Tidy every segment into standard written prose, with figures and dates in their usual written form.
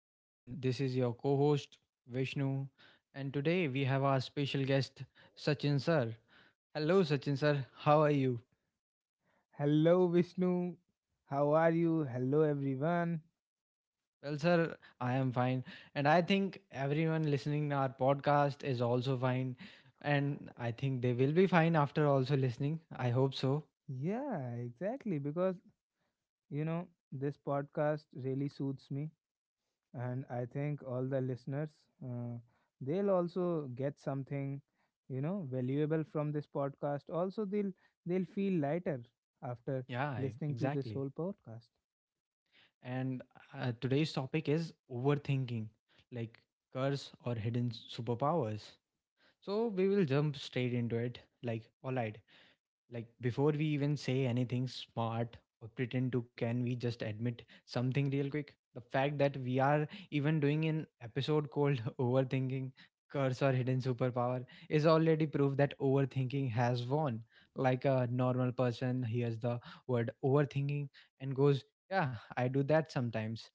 And this is your co host, Vishnu. And today we have our special guest, Sachin sir. Hello, Sachin sir. How are you? Hello, Vishnu. How are you? Hello, everyone. Well, sir, I am fine. And I think everyone listening our podcast is also fine. And I think they will be fine after also listening. I hope so. Yeah, exactly. Because, this podcast really suits me. And I think all the listeners, uh, they'll also get something, valuable from this podcast. Also, they'll feel lighter after listening to this Exactly. whole podcast. And Today's topic is overthinking, like curse or hidden superpowers. So we will jump straight into it. Like, all right, like before we even say anything smart or pretend to, can we just admit something real quick, the fact that we are even doing an episode called overthinking, curse or hidden superpower is already proof that overthinking has won. Like a normal person hears the word overthinking and goes, yeah, I do that sometimes.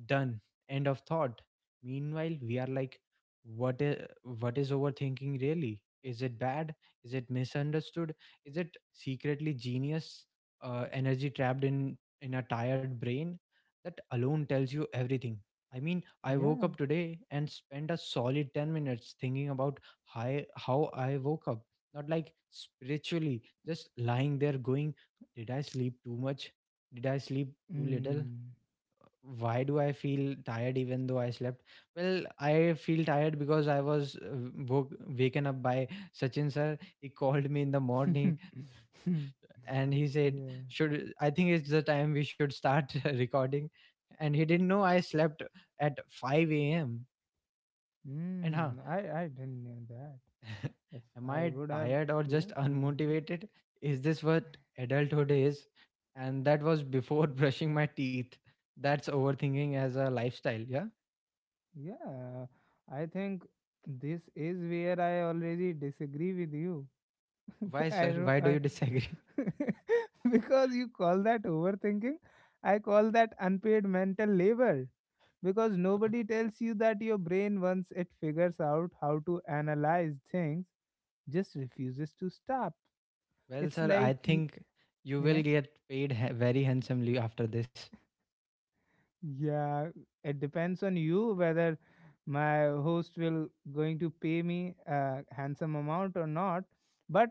Done. End of thought. Meanwhile we are like, what is what is overthinking really? Is it bad? Is it misunderstood? Is it secretly genius? Energy trapped in a tired brain? That alone tells you everything. I mean, I woke Yeah. up today and spent a solid 10 minutes thinking about how I woke up. Not like spiritually, just lying there going, did I sleep too much? Did I sleep too little? Mm. Why do I feel tired even though I slept? Well, I feel tired because I was waken up by Sachin sir. He called me in the morning and he said, yeah. should, I think it's the time we should start recording. And he didn't know I slept at 5 a.m. And huh, Mm. I didn't know that. If am I I would have, tired or just known that. unmotivated? Is this what adulthood is? And that was before brushing my teeth. That's overthinking as a lifestyle. Yeah Yeah, I think this is where I already disagree with you. why, I sir, don't, why do I you disagree? because you call that overthinking, I call that unpaid mental labor because nobody tells you that your brain, once it figures out how to analyze things, just refuses to stop. Well, It's sir, I like, think you yeah. will get paid very handsomely after this. Yeah, it depends on you whether my host will going to pay me a handsome amount or not. But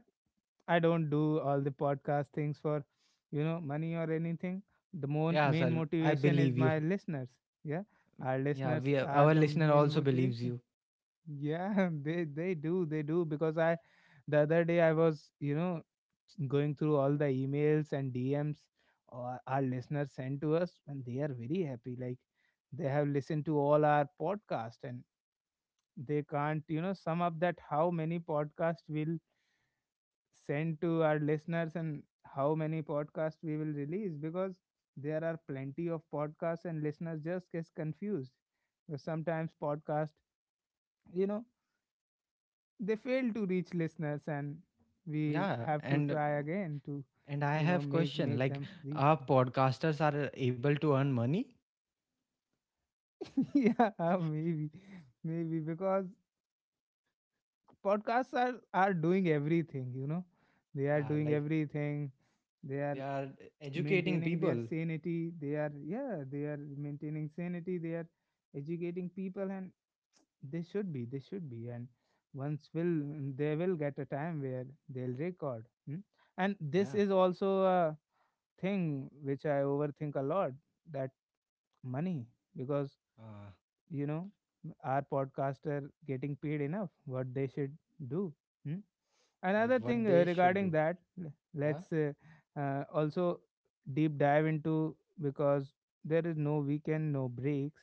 I don't do all the podcast things for, money or anything. The Yeah, main sir, I motivation is believe you. my listeners. Yeah, our Yeah, listeners we, are our the listener main also believes motivation. you. Yeah, they do, they do because I the other day I was, going through all the emails and DMs our listeners sent to us, and they are very happy, like they have listened to all our podcast, and they can't, sum up that how many podcasts will send to our listeners and how many podcasts we will release, because there are plenty of podcasts and listeners just gets confused. Sometimes podcast, you know they fail to reach listeners, and we Yeah, have to try again to and I have make question make like, them reach are them. podcasters are able to earn money? Yeah, maybe, because podcasts are doing everything, they are Yeah, doing like everything. They are they are educating maintaining their people. sanity. They are, yeah, they are maintaining sanity. They are educating people, and they should be, they should be. And once will they will get a time where they'll record. Hmm? And this Yeah. is also a thing which I overthink a lot. That money, because, Uh, you know are podcaster getting paid enough what they should do? Hmm? like Another thing, what they should regarding do. that, Yeah. let's, also deep dive into. Because there is no weekend, no breaks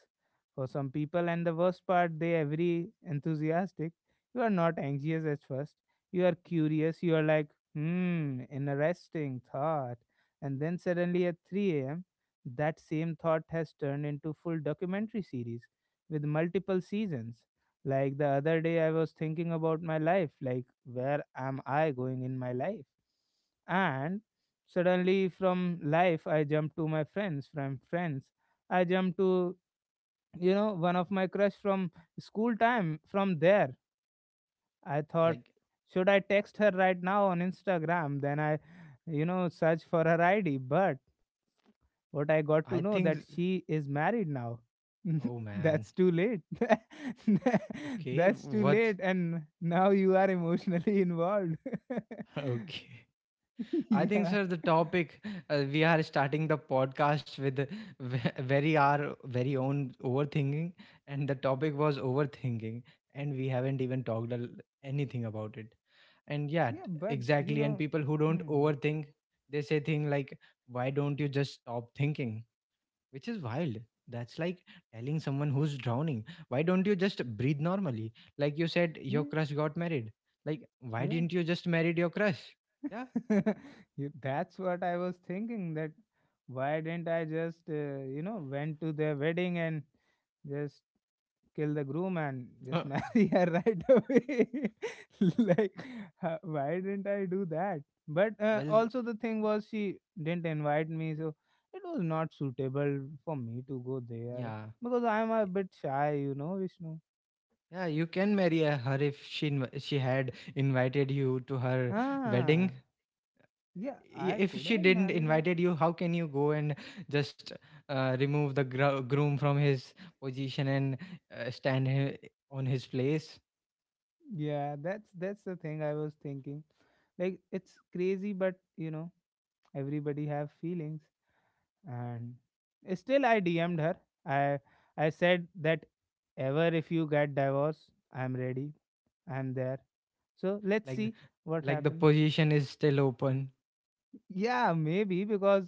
for some people, and the worst part, they are very enthusiastic. You are not anxious at first. You are curious. You are like, hmm, interesting thought. And then suddenly at 3 a.m. that same thought has turned into full documentary series with multiple seasons. Like the other day, I was thinking about my life, like where am I going in my life? And suddenly, from life, I jumped to my friends. From friends, I jumped to, one of my crush from school time. From there, I thought, Like should I text her right now on Instagram? Then I, search for her ID. But what I got I to know think, that she is married now. oh man. That's too late. Okay, That's too what late, and now you are emotionally involved. okay. I think, Yeah. sir, the topic we are starting the podcast with, very our very own overthinking, and the topic was overthinking and we haven't even talked anything about it. and yeah t- Yeah, but exactly. And people who don't hmm. overthink, they say thing like, why don't you just stop thinking? Which is wild. That's like telling someone who's drowning, why don't you just breathe normally? Like you said Yeah, your crush got married, like why didn't you just marry your crush? yeah yeah. That's what I was thinking, that why didn't I just went to their wedding and just kill the groom and just Uh, marry her right away. Like, why didn't I do that? But well also, the thing was, she didn't invite me, so it was not suitable for me to go there yeah, because I'm a bit shy, Vishnu. yeah, you can marry her if she had invited you to her wedding. Ah, yeah, I If could she have didn't married her. invited you, how can you go and just remove the groom from his position and stand on his place. Yeah, that's the thing I was thinking. Like, it's crazy, but everybody have feelings. And still, I DM'd her. I i said that, ever if you get divorced, I'm ready, I'm there. So let's like see th- what like the happens. position is still open. Yeah, maybe, because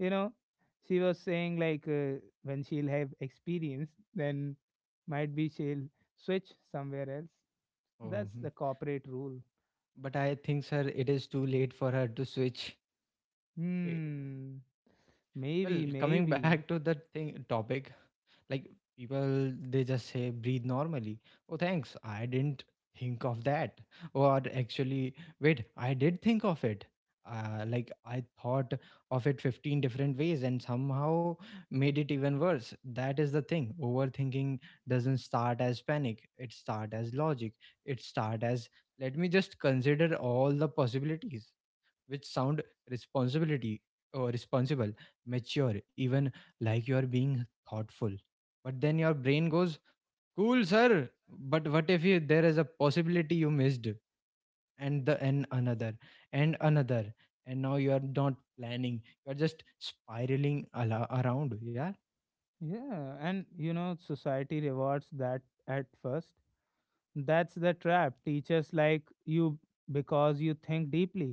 you know she was saying like, when she'll have experience, then might be she'll switch somewhere else. That's um, the corporate rule. but I think, sir, it is too late for her to switch. Eh, Hmm. well, Maybe, coming maybe. back to the thing topic. Like people, they just say breathe normally. Oh, thanks. I didn't think of that. Or actually, wait, I did think of it. Like I thought of it 15 different ways and somehow made it even worse. That is the thing. Overthinking doesn't start as panic. It start as logic. It start as, let me just consider all the possibilities, which sound responsibility, or responsible, mature, even, like you are being thoughtful. But then your brain goes, "Cool, sir, but what if you, there is a possibility you missed?" And the, and another, and another, and now you are not planning. You are just spiraling ala around. Yeah, Yeah, and society rewards that at first. That's the trap. Teachers like you because you think deeply.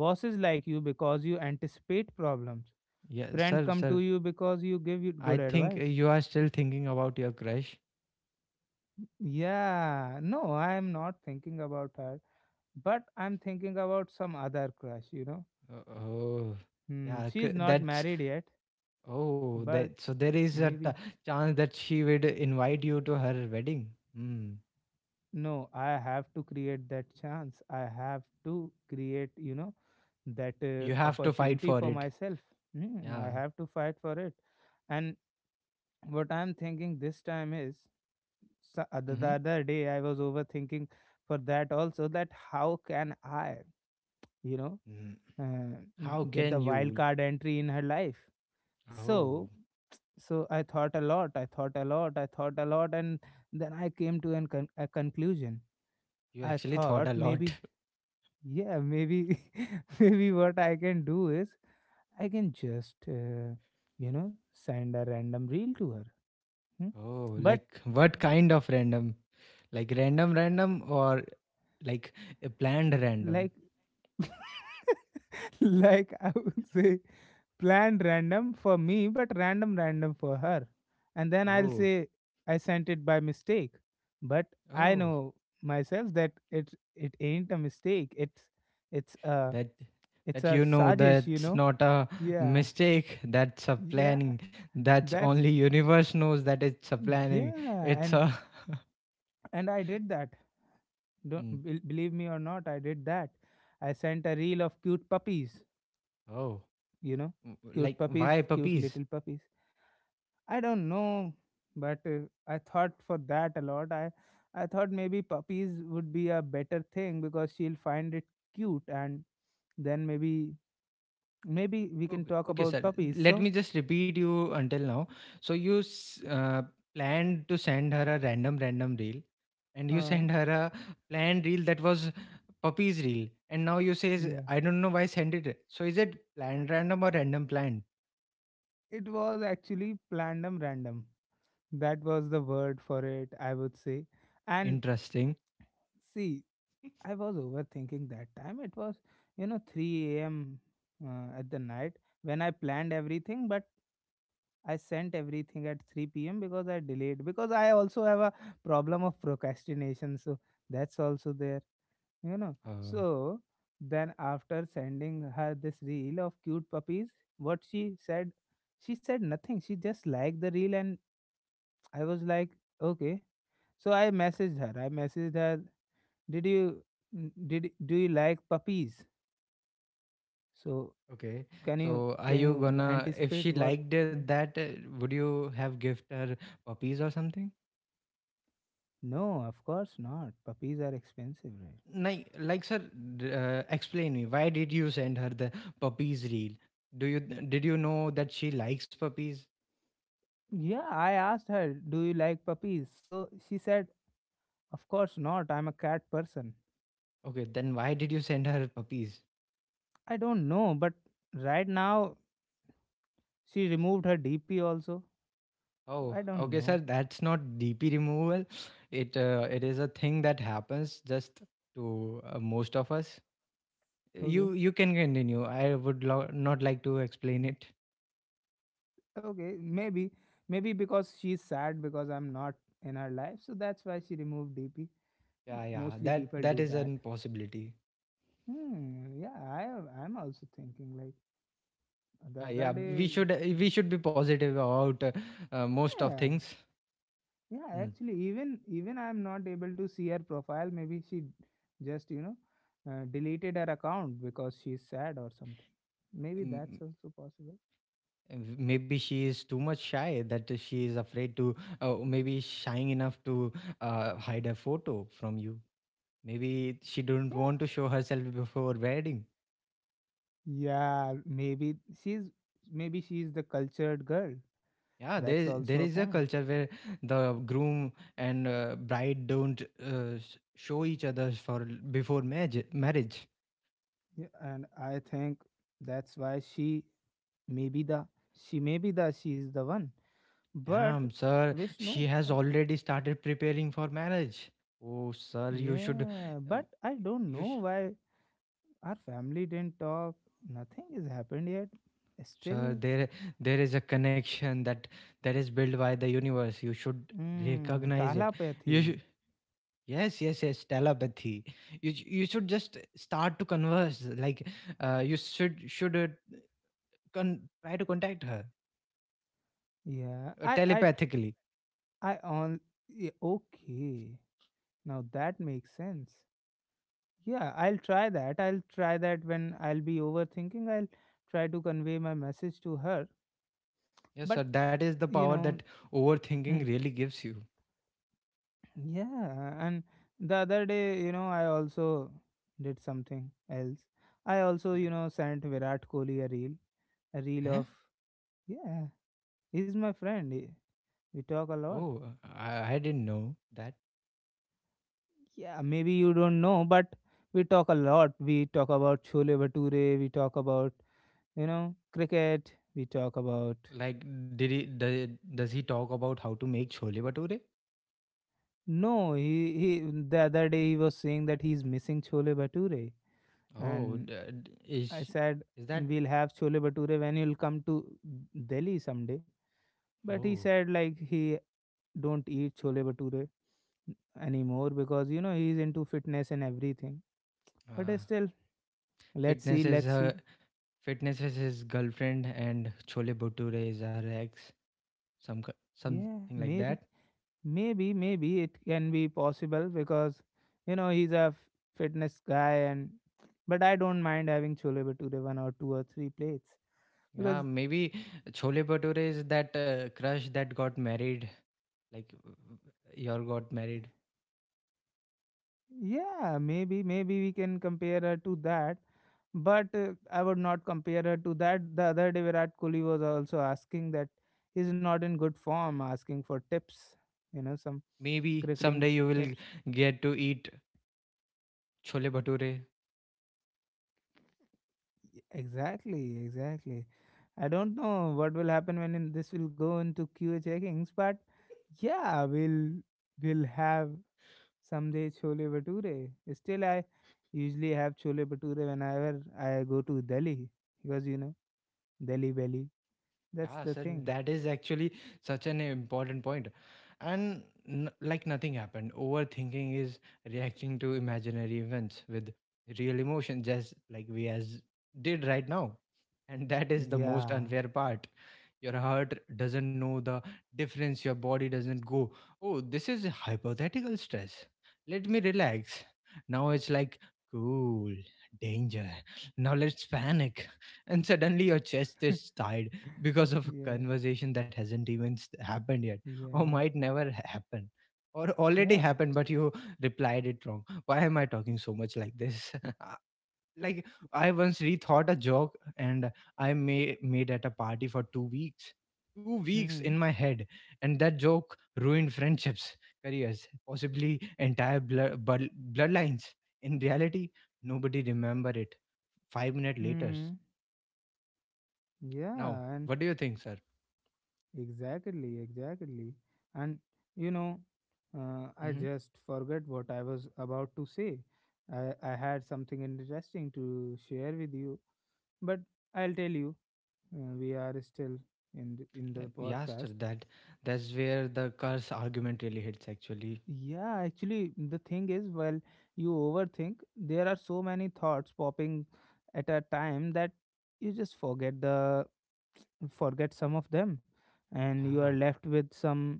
Bosses like you because you anticipate problems. yeah, Friend sir, come to sir. you because you give it I good think advice. you are still thinking about your crush. Yeah, no, I am not thinking about her, but I'm thinking about some other crush. Uh, Oh, Hmm, she's not that's, married yet, oh, but that, so there is a maybe. chance that she would invite you to her wedding. Hmm. No, I have to create that chance. I have to create, that You have to fight opportunity for for it. myself. Hmm, Yeah. I have to fight for it. And what I'm thinking this time is, the Mm-hmm. other day I was overthinking for that also, that how can I, you know, Mm. uh, How get the can wild you? card entry in her life. Oh, So, I thought a lot, I thought a lot, I thought a lot, and then I came to a conclusion. you I actually thought thought a lot. maybe, yeah, maybe, maybe what I can do is I can just, send a random reel to her. Hmm? Oh, But like what kind of random? Like random, random, or like a planned random? like like I would say planned random for me, but random random for her. And then I'll Oh, say I sent it by mistake. But I oh. know myself that it ain't a mistake. It's a that it's that a You know sajesh, you that's know? not a Yeah. mistake, that's a Yeah. planning. That's That's only universe knows that it's a planning. yeah. It's And a and I did that. Don't Mm. Believe me or not, I did that. I sent a reel of cute puppies, Oh. you know? Mm, Cute like puppies, why cute puppies? little puppies. I don't know, but I thought for that a lot. I thought maybe puppies would be a better thing because she'll find it cute, and then maybe maybe we can Okay, talk okay, sir, about puppies. let So, me just repeat you until now. So planned to send her a random random reel, and you uh, send her a planned reel that was puppies reel, and now you says yeah, I don't know why send it. So is it planned random or random planned? it was actually plandum random. That was the word for it, I would say. And Interesting. see, I was overthinking that time. It was, 3 a.m. At the night when I planned everything, but I sent everything at 3 p.m. because I delayed, because I also have a problem of procrastination, so that's also there. uh, So then after sending her this reel of cute puppies, what she said, she said nothing. She just liked the reel, and I was like, okay. So I messaged her. I messaged her. Did you n- did do you like puppies? So Okay. can you So are can you you gonna, if anticipate she what? liked it, Hmm? that would you have gift her puppies or something? No, of course not. Puppies are expensive, right? Like, sir, explain me why did you send her the puppies reel? Do you, did you know that she likes puppies? Yeah, I asked her, do you like puppies? So she said, of course not, I'm a cat person. Okay, then why did you send her puppies? I don't know, but right now she removed her DP also. So Oh, I don't okay, sir. know. That's not DP removal. It it is a thing that happens just to most of us. You Okay. you can continue. I would not like to explain it. Okay. Maybe. Maybe because she's sad because I'm not in her life. So that's why she removed DP. Yeah, yeah, Mostly that people that do is that. an possibility. Hmm. Yeah, I'm also thinking like the other Yeah, we day. should, we should be positive about most of Yeah. things. Yeah, Mm. actually, even I'm not able to see her profile. Maybe she just deleted her account because she's sad or something. Maybe that's Mm, also possible. mm, maybe she is too much shy that she is afraid to, maybe shying enough to hide a photo from you. Maybe she don't Yeah, want to show herself before wedding. yeah. She's maybe she's the cultured girl. Yeah, there That's is, there also a is a point. culture where the groom and bride don't show each other for before marriage. Marriage, Yeah, and I think that's why maybe the she's the one. But damn, sir, she Vishnu, has already started preparing for marriage. Oh, sir, you should, yeah. uh, But I don't you sh- know why our family didn't talk. Nothing has happened yet. sir, Still, there is a connection that that is built by the universe. You should mm, recognize it. talapathy. You should, yes, yes, yes, telepathy. You should just start to converse. Like, you try to contact her Yeah, telepathically. I on. Yeah, okay, now that makes sense. Yeah, I'll try that. I'll try that when I'll be overthinking. I'll try to convey my message to her. But Yes, sir, that is the you power know, that overthinking mm, really gives you. yeah. And the other day, I also did something else. I also, sent Virat Kohli a reel Huh? of yeah. He's my friend. We talk a lot. Oh, I didn't know that. Yeah, maybe you don't know, but we talk a lot. We talk about Chole Bhature. We talk about cricket. We talk about Like, did he does he talk about how to make chole bhature? No. He. The other day he was saying that he's missing Chole Bhature, Oh, and d- d- I is said is that? we'll have Chole Bhature when you'll come to Delhi someday. But he Oh, said like he don't eat Chole Bhature anymore because he's into fitness and everything. But uh, still, let's fitness see, is let's her. see. Fitness is his girlfriend, and chole bhature is her ex. Some Yeah, something like maybe, that. maybe, maybe it can be possible because he's a fitness guy, and but I don't mind having chole bhature one or two or three plates Yeah, because maybe chole bhature is that crush that got married. Like, you are got married. yeah, maybe maybe we can compare her to that. But I would not compare her to that. The other day, Virat Kohli was also asking that he's not in good form, asking for tips, some Maybe cricketing someday you will tips. get to eat chole bhature. Exactly, exactly. I don't know what will happen when in this will go into QA checkings, but yeah, we'll have someday chole bhature. Still, I usually have chole bhature whenever I go to Delhi because Delhi belly. That's Yeah, the sir, thing. that is actually such an important point. Like nothing happened, overthinking is reacting to imaginary events with real emotion, just like we as did right now. And that is the most Yeah, unfair part. Your heart doesn't know the difference, your body doesn't go, oh this is a hypothetical stress, let me relax. Now it's like, cool, danger, now let's panic. And suddenly your chest is tied because of a yeah, conversation that hasn't even happened yet, or yeah, might never happen, or already yeah. happened but you replied it wrong. Why am I talking so much like this? Like I once rethought a joke, and I made at a party for 2 weeks Hmm. in my head. And that joke ruined friendships, careers, possibly entire bloodlines. In reality, nobody remember it 5 minutes later. Hmm. Now Yeah, and what do you think, sir? exactly, exactly. And you know, I Hmm. just forgot what I was about to say. I had something interesting to share with you, but I'll tell you. We are still in the Like, yeah, podcast. sir, that that's where the curse argument really hits actually. Yeah, actually, the thing is, well, you overthink. There are so many thoughts popping at a time that you just forget the forget some of them, and you are Yeah. left with some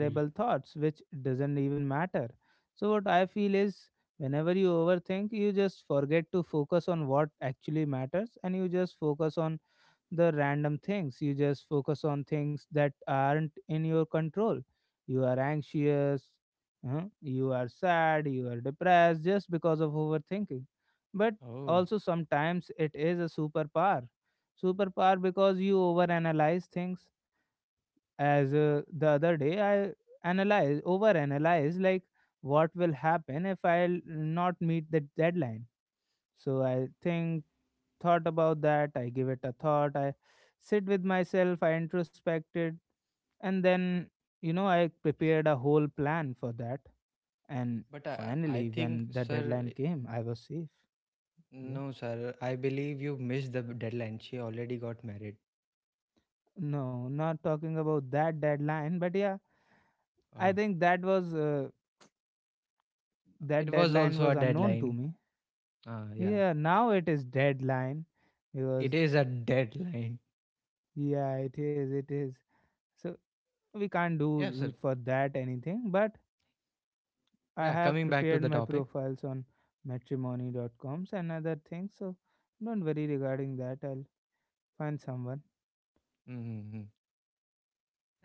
L- thoughts which doesn't even matter. So what I feel is whenever you overthink you just forget to focus on what actually matters, and you just focus on the random things, you just focus on things that aren't in your control. You are anxious, you are sad, you are depressed just because of overthinking. But oh, also sometimes it is a superpower, superpower because you overanalyze things. As the other day I analyze over analyze like what will happen if I'll not meet the deadline. So I think thought about that, I give it a thought, I sit with myself, I introspected, and then you know I prepared a whole plan for that, and but I finally think when the sir deadline came I was safe. Yeah, no, sir. I believe you missed the deadline. She already got married. no, not talking about that deadline, but yeah, I Oh, think that was that it was deadline also was a unknown to deadline. me. Yeah, Yeah, now it is deadline, it because is a deadline. yeah, it is. So we can't Yeah, sir. do for that anything, but I Yeah, have coming back to prepared the my topic. profiles on matrimony dot coms and other things, so don't worry regarding that. I'll find someone. Mm-hmm.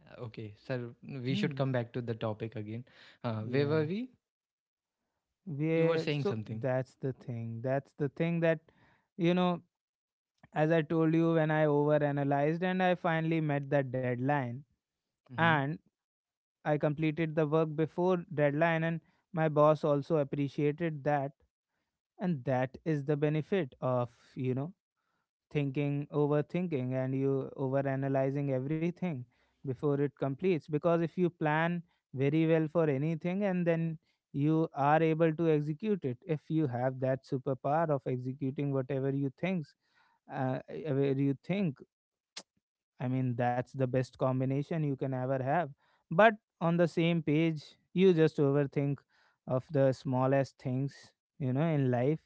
Okay, sir, we should Hmm. come back to the topic again. Where were Yeah. we? You were Yeah. saying So something. that's the thing. That's the thing that, you know, as I told you, when I overanalyzed and I finally met that deadline. Mm-hmm. And I completed the work before deadline, and my boss also appreciated that. And that is the benefit of, you know, thinking, overthinking and you overanalyzing everything before it completes. Because if you plan very well for anything and then you are able to execute it, if you have that superpower of executing whatever you think, I mean, that's the best combination you can ever have. But on the same page, you just overthink of the smallest things, you know, in life.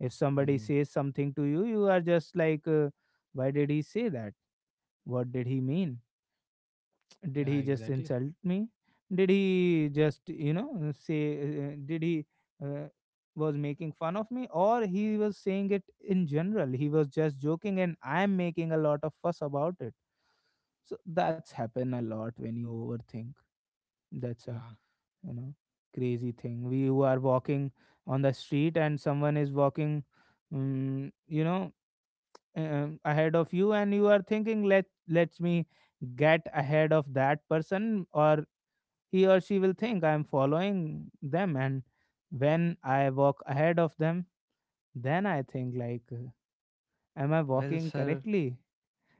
If somebody Mm. says something to you, you are just like, why did he say that? What did he mean? Did Yeah, he just exactly. insult me? Did he just, you know, say, did he uh, was making fun of me? Or he was saying it in general. He was just joking and I'm making a lot of fuss about it. So that's happen a lot when you overthink. That's a, Yeah. you know, crazy thing. We who are walking on the street and someone is walking, you know, ahead of you, and you are thinking, let me get ahead of that person, or he or she will think I am following them. And when I walk ahead of them, then I think like, am I Well, walking sir, correctly?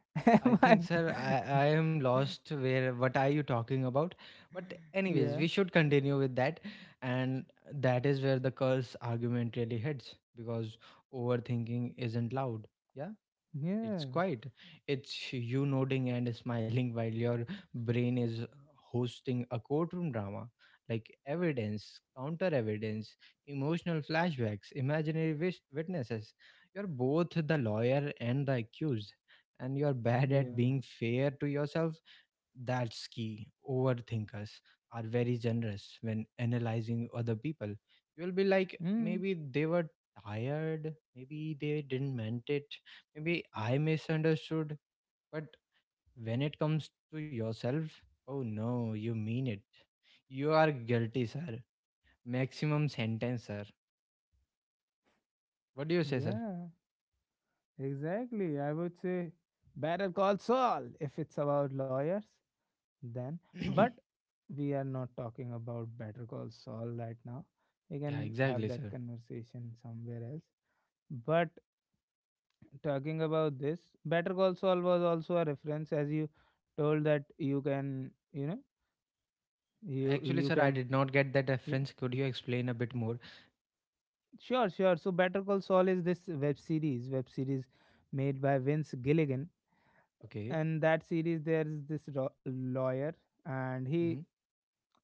I Am I think, sir, I am lost where what are you talking about? But anyways, yeah, we should continue with that. And that is where the curse argument really heads because overthinking isn't loud. Yeah. It's yeah, quite. It's you nodding and smiling while your brain is hosting a courtroom drama, like evidence, counter evidence, emotional flashbacks, imaginary witnesses. You're both the lawyer and the accused, and you're bad at yeah. being fair to yourself. That's key. Overthinkers are very generous when analyzing other people. You'll be like, Mm. maybe they were tired, maybe they didn't meant it, maybe I misunderstood, but when it comes to yourself, oh no, you mean it. You are guilty, sir. Maximum sentence, sir. What do you say, sir? Yeah, exactly. I would say Better Call Saul, if it's about lawyers, then. Yeah, But we are not talking about Better Call Saul right now. We can have exactly, that sir. conversation somewhere else. But talking about this, Better Call Saul was also a reference, as you told that you can, you know, you Actually, you sir, I can. did not get that pre- reference. Could you explain a bit more? Sure, sure. So Better Call Saul is this web series made by Vince Gilligan, Okay. and that series, there is this lawyer, and he Mm-hmm.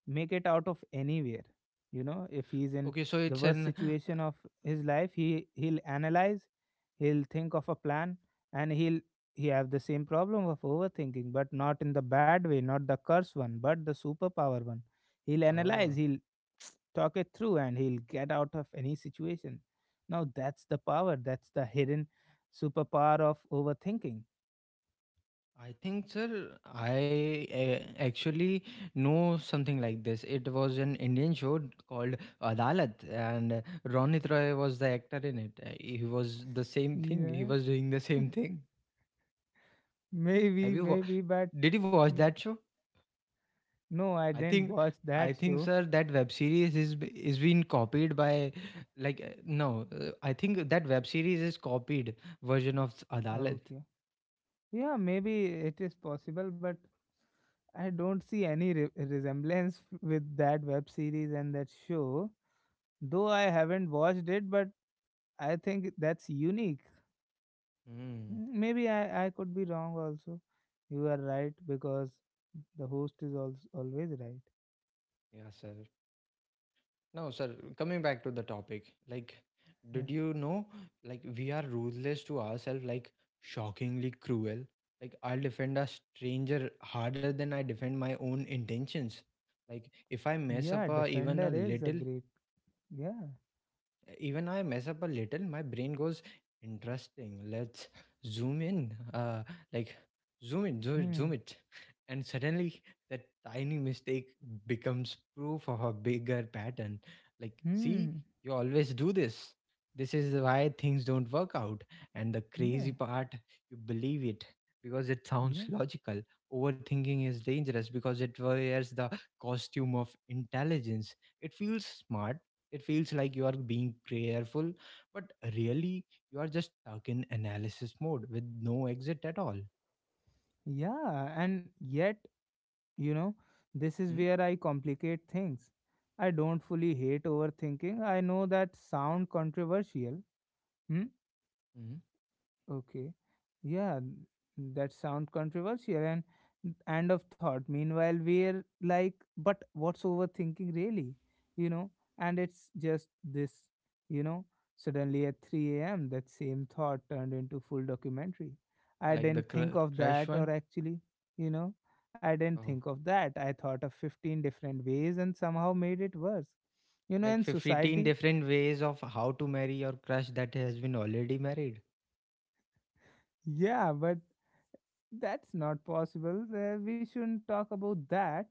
make it out of anywhere, you know. If he's in Okay, so the it's worst an. situation of his life, he'll analyze, he'll think of a plan, and he'll, he have the same problem of overthinking, but not in the bad way, not the curse one, but the superpower one. He'll analyze, Oh. he'll talk it through, and he'll get out of any situation. Now that's the power, that's the hidden superpower of overthinking. I think, sir, I actually know something like this. It was an Indian show called Adalat, and Ronit Roy was the actor in it. He was the same thing. He was doing the same thing. Maybe, Have you? Maybe, but Did you watch mm, that show? no, I I didn't think, watch that I think, show. sir, that web series is is being copied by, like, no, I think that web series is copied version of Adalat. Okay. Yeah, maybe it is possible, but I don't see any resemblance with that web series and that show. Though I haven't watched it, but I think that's unique. Hmm. Mm, maybe I could be wrong also. You are right because the host is also always right. Yeah, sir. No, sir, coming back to the topic, like, Yeah. did you know, like, we are ruthless to ourselves, like, shockingly cruel. Like, I'll defend a stranger harder than I defend my own intentions. Like, if I mess Yeah, up a, even Defender a is a little, great. Yeah. even I mess up a little, my brain goes, interesting, let's zoom in, like zoom in, zoom it, zoom Hmm. it. And suddenly that tiny mistake becomes proof of a bigger pattern. Like, see, Hmm. you always do this. This is why things don't work out. And the Yeah. crazy part, you believe it because it Yeah. sounds logical. Overthinking is dangerous because it wears the costume of intelligence. It feels smart, it feels like you are being careful, but really you are just stuck in analysis mode with no exit at all. Yeah, and yet, you know, this is where I complicate things. I don't fully hate overthinking. I know that sound controversial. Hmm? Mm-hmm. Okay. Yeah, that sound controversial and end of thought. Meanwhile, we're like, but what's overthinking really? You know, and it's just this, you know, suddenly at 3 a.m., that same thought turned into full documentary. I Like the didn't think of crush that, or one. actually, you know, I didn't Oh, think of that. I thought of 15 different ways and somehow made it worse. You know, like in 15 society, different ways of how to marry your crush that has been already married. yeah, but that's not possible. We shouldn't talk about that,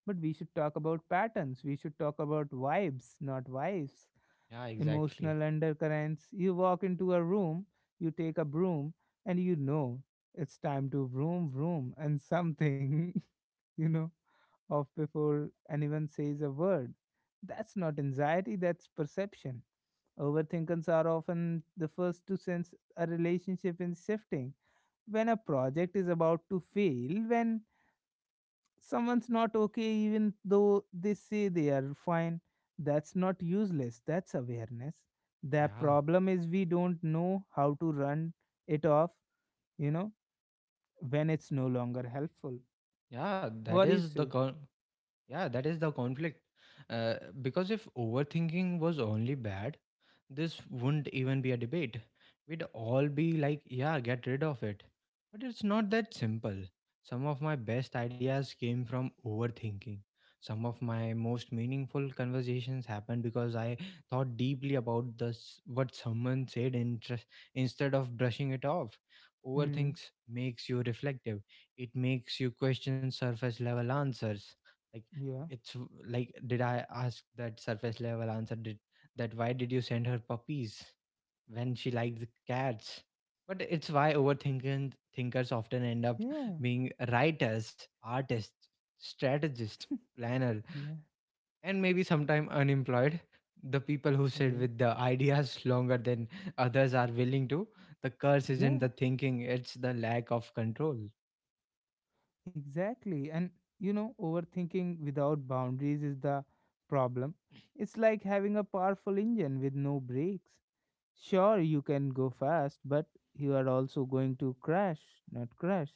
but we should talk about patterns. We should talk about vibes, not wives. Yeah, exactly. Emotional undercurrents. You walk into a room, you take a broom, and you know it's time to vroom vroom and something, you know, off before anyone says a word. That's not anxiety, that's perception. Overthinkers are often the first to sense a relationship is shifting, when a project is about to fail, when someone's not okay even though they say they are fine. That's not useless, that's awareness. The Yeah, problem is we don't know how to run it off, you know, when it's no longer helpful. yeah, that What do you is the say? Yeah, that is the conflict. Uh, because if overthinking was only bad, this wouldn't even be a debate. We'd all be like, yeah, get rid of it. But it's not that simple. Some of my best ideas came from overthinking. Some of my most meaningful conversations happened because I thought deeply about this, what someone said interest, instead of brushing it off. Hmm? Overthinks makes you reflective. It makes you question surface level answers. Like Yeah, it's like did I ask that surface level answer, did that, why did you send her puppies when she liked the cats? But it's why overthinking thinkers often end up yeah, being writers, artists, strategists, planner, yeah, and maybe sometime unemployed. The people who sit yeah, with the ideas longer than others are willing to, the curse isn't yeah, the thinking, it's the lack of control. exactly. And you know, overthinking without boundaries is the problem. It's like having a powerful engine with no brakes. Sure, you can go fast, but you are also going to crash, not crash.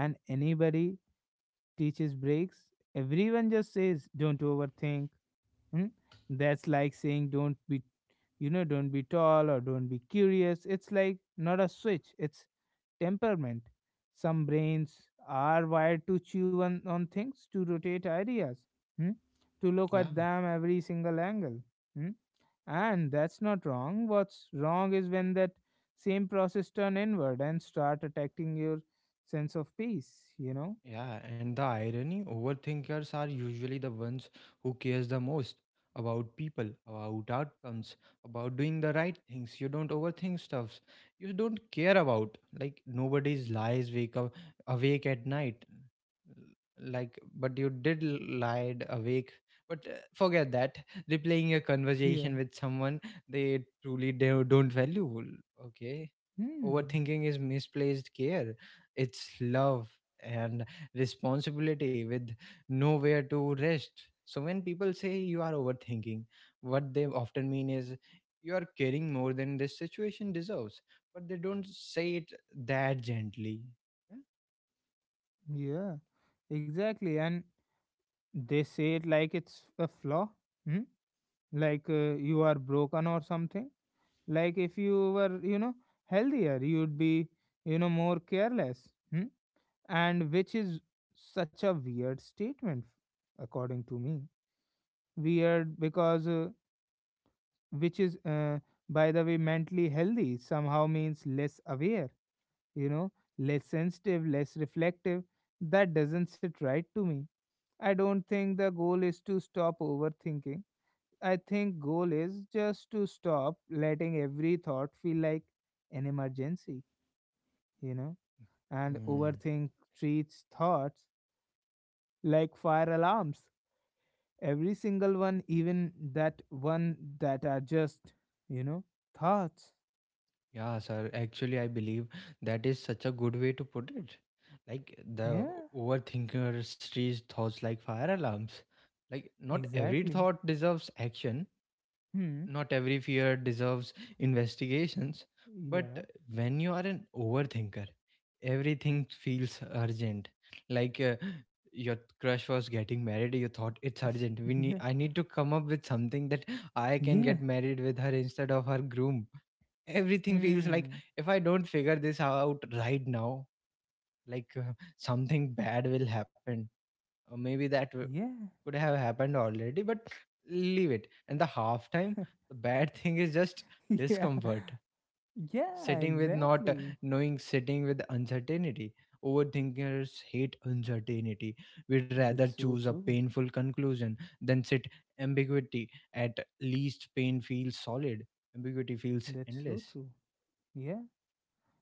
And anybody teaches breaks, everyone just says, don't overthink. Hmm? That's like saying, don't be, you know, don't be tall, or don't be curious. It's like not a switch, it's temperament. Some brains are wired to chew on things, to rotate ideas, hmm? To look Yeah. at them every single angle. Hmm? And that's not wrong. What's wrong is when that same process turn inward and start attacking your sense of peace, you know? Yeah, and the irony, overthinkers are usually the ones who cares the most about people, about outcomes, about doing the right things. You don't overthink stuffs. You don't care about like nobody's lies wake up awake at night. Like, but you did lied awake. But forget that. Replaying a Yeah. conversation with someone they truly don't value. Okay. Hmm. Overthinking is misplaced care, it's love and responsibility with nowhere to rest. So, when people say you are overthinking, what they often mean is you are caring more than this situation deserves, but they don't say it that gently. Yeah. Yeah. Exactly. And they say it like it's a flaw. Hmm? Like you are broken or something. Like if you were, you know, healthier, you'd be, you know, more careless. Hmm? And which is such a weird statement, according to me. Weird because which is by the way, mentally healthy somehow means less aware, you know, less sensitive, less reflective. That doesn't sit right to me. I don't think the goal is to stop overthinking. I think goal is just to stop letting every thought feel like an emergency, you know. And Mm. overthink treats thoughts like fire alarms, every single one, even that one that are just, you know, thoughts. Yeah, sir. Actually, I believe that is such a good way to put it. Like the Yeah. overthinker sees thoughts like fire alarms. Like not every Exactly. thought deserves action, Hmm. not every fear deserves investigations, but Yeah. when you are an overthinker, everything feels urgent. Like your crush was getting married, you thought it's urgent. We need, Yeah. I need to come up with something that I can Yeah. get married with her instead of her groom. Everything feels like Hmm. if I don't figure this out right now, like something bad will happen or maybe that Yeah. could have happened already but leave it and the halftime, the bad thing is just Yeah. discomfort, Yeah, sitting with not exactly. knowing, sitting with uncertainty. Overthinkers hate uncertainty. We'd rather That's so choose a true. painful conclusion than sit ambiguity. At least pain feels solid, ambiguity feels That's so endless. true. Yeah.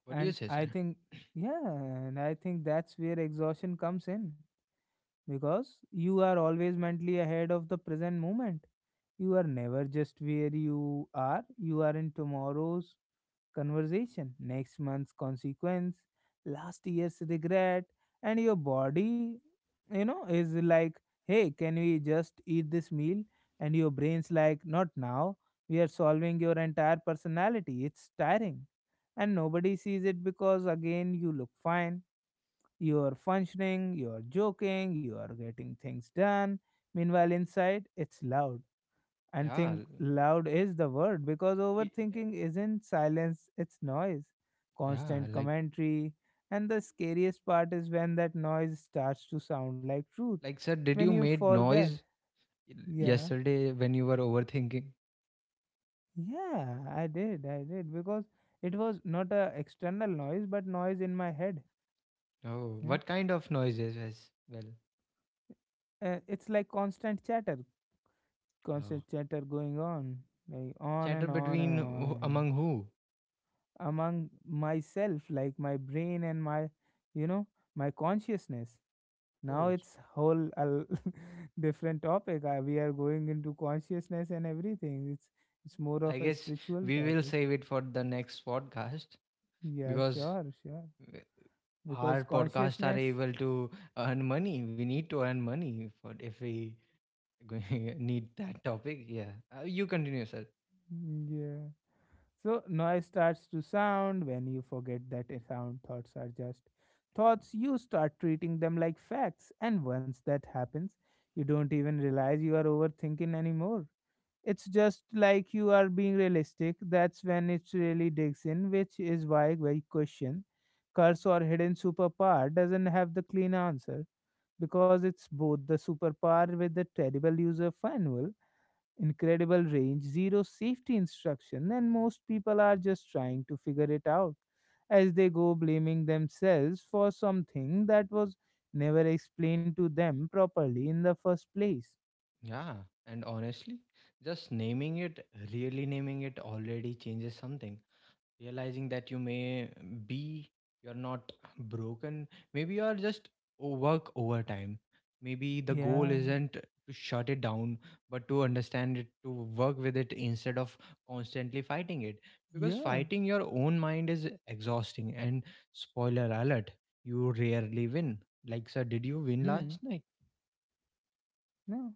What do you And say, I sir? think, yeah, and I think that's where exhaustion comes in, because you are always mentally ahead of the present moment. You are never just where you are in tomorrow's conversation, next month's consequence, last year's regret, and your body, you know, is like, hey, can we just eat this meal? And your brain's like, not now. We are solving your entire personality. It's tiring. And nobody sees it because, again, you look fine. You're functioning, you're joking, you are getting things done. Meanwhile, inside, it's loud. And yeah think l- loud is the word, because i- overthinking isn't silence, it's noise, yeah, constant like commentary. And the scariest part is when that noise starts to sound like truth, like sir, did when you you made forget. noise Yeah, yesterday when you were overthinking? yeah, I did because it was not a external noise but noise in my head. Oh, Hmm? what kind of noises as well? It's like Oh. constant chatter going on, like on Chatter and on and between on who, and on. among who? Among myself, like my brain and my, you know, my consciousness. Now Who? it's whole a different topic. We are going into consciousness and everything. It's more I of a guess spiritual we will topic. save it for the next podcast Yeah, because sure, sure. w- our Because podcasts are consciousness, able to earn money. We need to earn money for if we need that topic. Yeah, you continue, sir. mm, yeah, so noise starts to sound when you forget that a sound thoughts are just thoughts. You start treating them like facts, and once that happens you don't even realize you are overthinking anymore. It's just like you are being realistic. That's when it really digs in. Which is why my question, curse or hidden superpower, doesn't have the clean answer, because it's both, the superpower with the terrible user manual, incredible range, zero safety instruction, and most people are just trying to figure it out as they go, blaming themselves for something that was never explained to them properly in the first place. Yeah, and honestly, just naming it, really naming it, already changes something, realizing that you may be, you're not broken, maybe you are just work overtime, maybe the goal Yeah, isn't to shut it down but to understand it, to work with it instead of constantly fighting it, because yeah. fighting your own mind is exhausting and spoiler alert, you rarely win. Like sir, did you win Hmm. last night? No.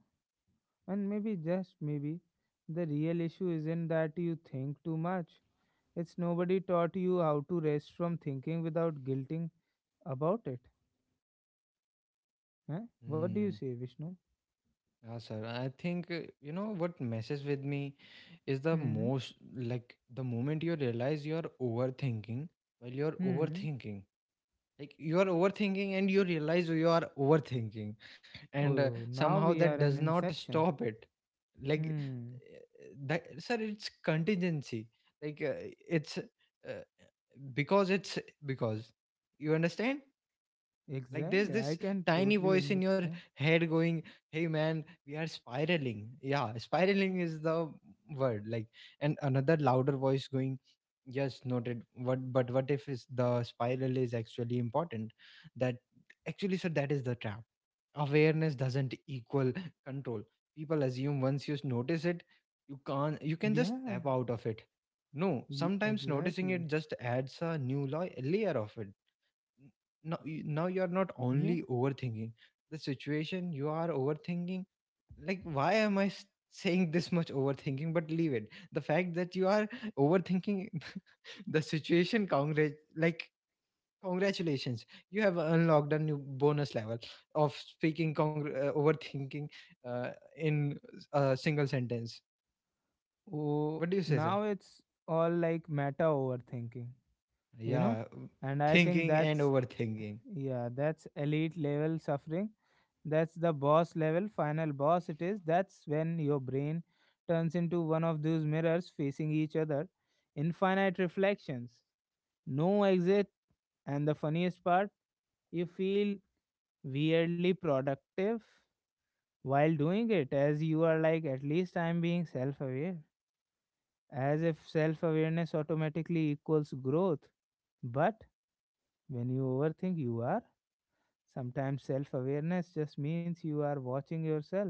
And maybe, just maybe, the real issue isn't that you think too much. It's nobody taught you how to rest from thinking without guilting about it. Huh? What do you Hmm. say, Vishnu? Yeah sir, I think you know what messes with me is the Hmm. most, like the moment you realize you're overthinking while you're Hmm. overthinking, like you are overthinking and you realize you are overthinking and Oh, now somehow we that are in does not Inception. stop it. Like Hmm. That sir, it's contingency. Like it's because it's because you understand, like there's Exactly. I this can tiny totally voice in your understand. head going, "Hey man, we are spiraling." Yeah, spiraling is the word. Like, and another louder voice going, "Yes, noted. What? But what if is the spiral is actually important?" That, actually, sir, that is the trap. Awareness doesn't equal control. People assume once you notice it, you can't. You can just Yeah. step out of it. No, Ye- sometimes noticing exactly. it just adds a new layer of it. Now you are not Yeah. only overthinking the situation, you are overthinking, like why am I saying this much overthinking, but leave it, the fact that you are overthinking the situation. Congrat, like congratulations, you have unlocked a new bonus level of speaking, overthinking uh, in a single sentence. Oh, What do you say, sir? now it's all like meta overthinking, you know? Yeah, And I think thinking and that's, overthinking. yeah, that's elite level suffering. That's the boss level, final boss it is. That's when your brain turns into one of those mirrors facing each other. Infinite reflections, no exit, and the funniest part, you feel weirdly productive while doing it, as you are like, at least I'm being self aware. As if self awareness automatically equals growth. But when you overthink, you are. Sometimes self awareness just means you are watching yourself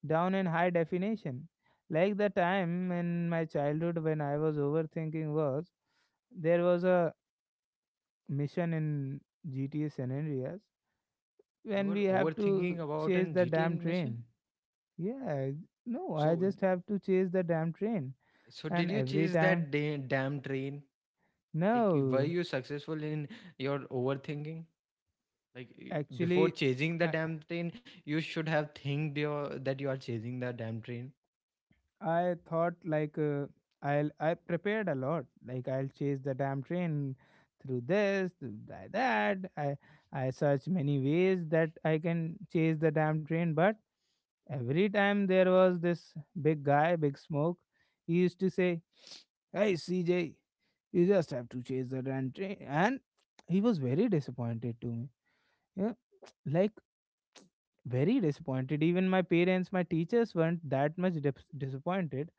down in high definition. Like the time in my childhood when I was overthinking was there was a mission in GTA San Andreas You when were we have to overthinking about chase an the damn gtn mission. train. Yeah, no, I so just have to chase the damn train. So did And you every chase time, that damn train? Like were no, you successful in your overthinking? Like before actually, chasing the I, damn train, you should have thinked your that you are chasing the damn train. I thought like I'll I prepared a lot. Like I'll chase the damn train through this, through that. I searched many ways that I can chase the damn train, but every time there was this big guy, big smoke. He used to say, "Hey CJ, you just have to chase the damn train," and he was very disappointed to me. Yeah, like very disappointed. Even my parents, my teachers weren't that much disappointed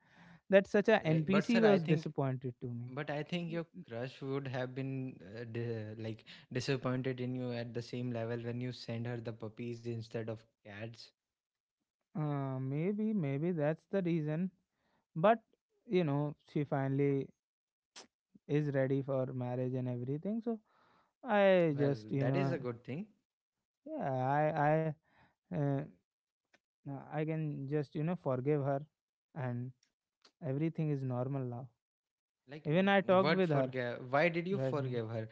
that such a Like, but sir, NPC I was think, disappointed to me. but I think your crush would have been like disappointed in you at the same level when you send her the puppies instead of cats. Maybe, maybe that's the reason. But you know, she finally is ready for marriage and everything. So I Well, just, you that is a know, good thing. yeah, I, uh, I can just, you know, forgive her, and everything is normal now. Like, Even I talked what with her forgive? Why did you right now forgive her?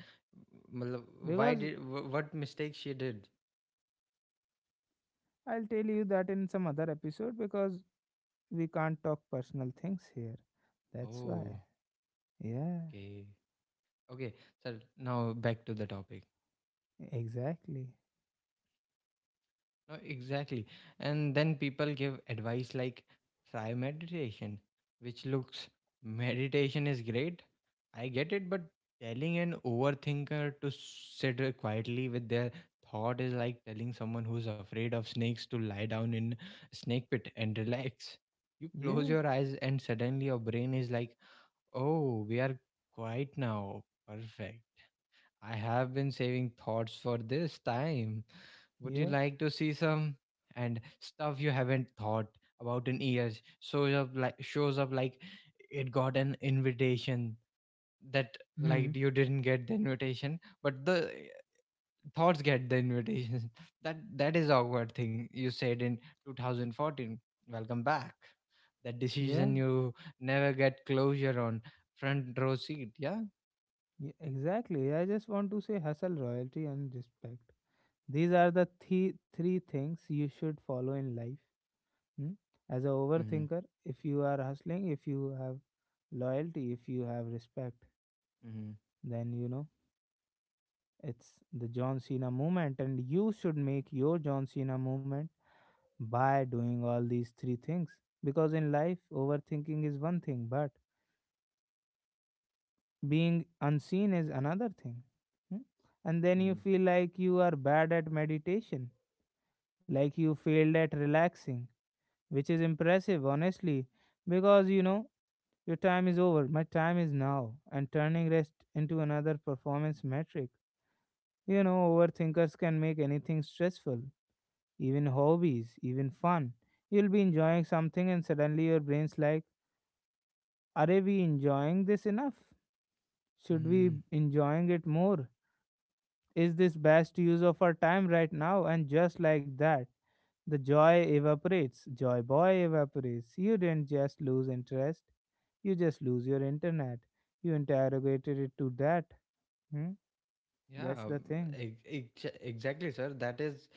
मतलब, why because did what mistake she did? I'll tell you that in some other episode because we can't talk personal things here. That's why. Oh, Yeah, okay. Okay. So now back to the topic. exactly. No, exactly. And then people give advice like try meditation, which looks, meditation is great. I get it, but telling an overthinker to sit quietly with their thought is like telling someone who's afraid of snakes to lie down in a snake pit and relax. You close Yeah, your eyes and suddenly your brain is like, "Oh, we are quiet now. Perfect. I have been saving thoughts for this time. Would you yeah, like to see some?" And stuff you haven't thought about in years shows up like, shows up like it got an invitation. That, hmm, like you didn't get the invitation, but the thoughts get the invitation. That, that is awkward thing you said in 2014. Welcome back. That yeah, decision you never get closure on, front row seat. Yeah. yeah, exactly. I just want to say hustle, royalty, and respect. These are the three things you should follow in life. Hmm? As a Mm-hmm. overthinker, if you are hustling, if you have loyalty, if you have respect, Mm-hmm. then you know it's the John Cena movement, and you should make your John Cena movement by doing all these three things. Because in life, overthinking is one thing, but being unseen is another thing. Hmm? And then you feel like you are bad at meditation, like you failed at relaxing, which is impressive, honestly, because you know your time is over, my time is now, and turning rest into another performance metric. You know, overthinkers can make anything stressful, even hobbies, even fun. You'll be enjoying something, and suddenly your brain's like, are we enjoying this enough? Should we Hmm. be enjoying it more? Is this best use of our time right now? And just like that, the joy evaporates. Joy boy evaporates. You didn't just lose interest, you just lose your internet. You interrogated it to that. Hmm? That's Yeah, the thing. Exactly, sir. That is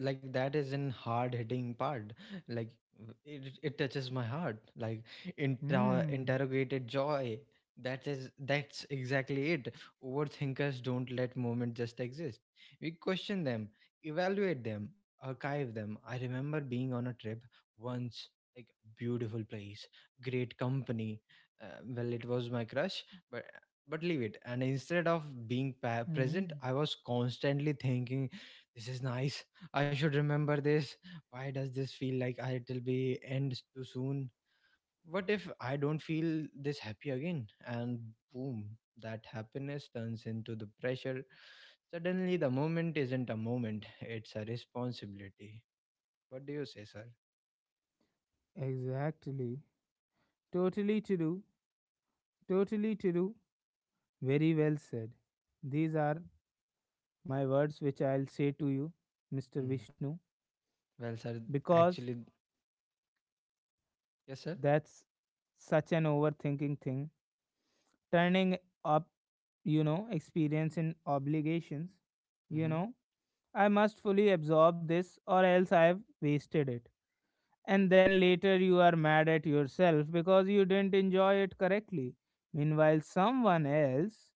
like, that is in hard hitting part, like it, it touches my heart, like Hmm. interrogated joy, that is, that's exactly it. Overthinkers don't let moment just exist, we question them, evaluate them, archive them. I remember being on a trip once, like beautiful place, great company, well it was my crush, but but leave it, and instead of being present, Hmm. I was constantly thinking, this is nice, I should remember this. Why does this feel like it'll be end too soon? What if I don't feel this happy again? And boom, that happiness turns into the pressure. Suddenly, the moment isn't a moment, it's a responsibility. What do you say, sir? Exactly. Totally to do. Totally to do. Very well said. These are my words which I'll say to you, Mr. Mm. Vishnu, Well, sir, because actually, yes, sir. that's such an overthinking thing turning up, you know, experience in obligations. You Mm-hmm. know, I must fully absorb this or else I have wasted it. And then later you are mad at yourself because you didn't enjoy it correctly. Meanwhile, someone else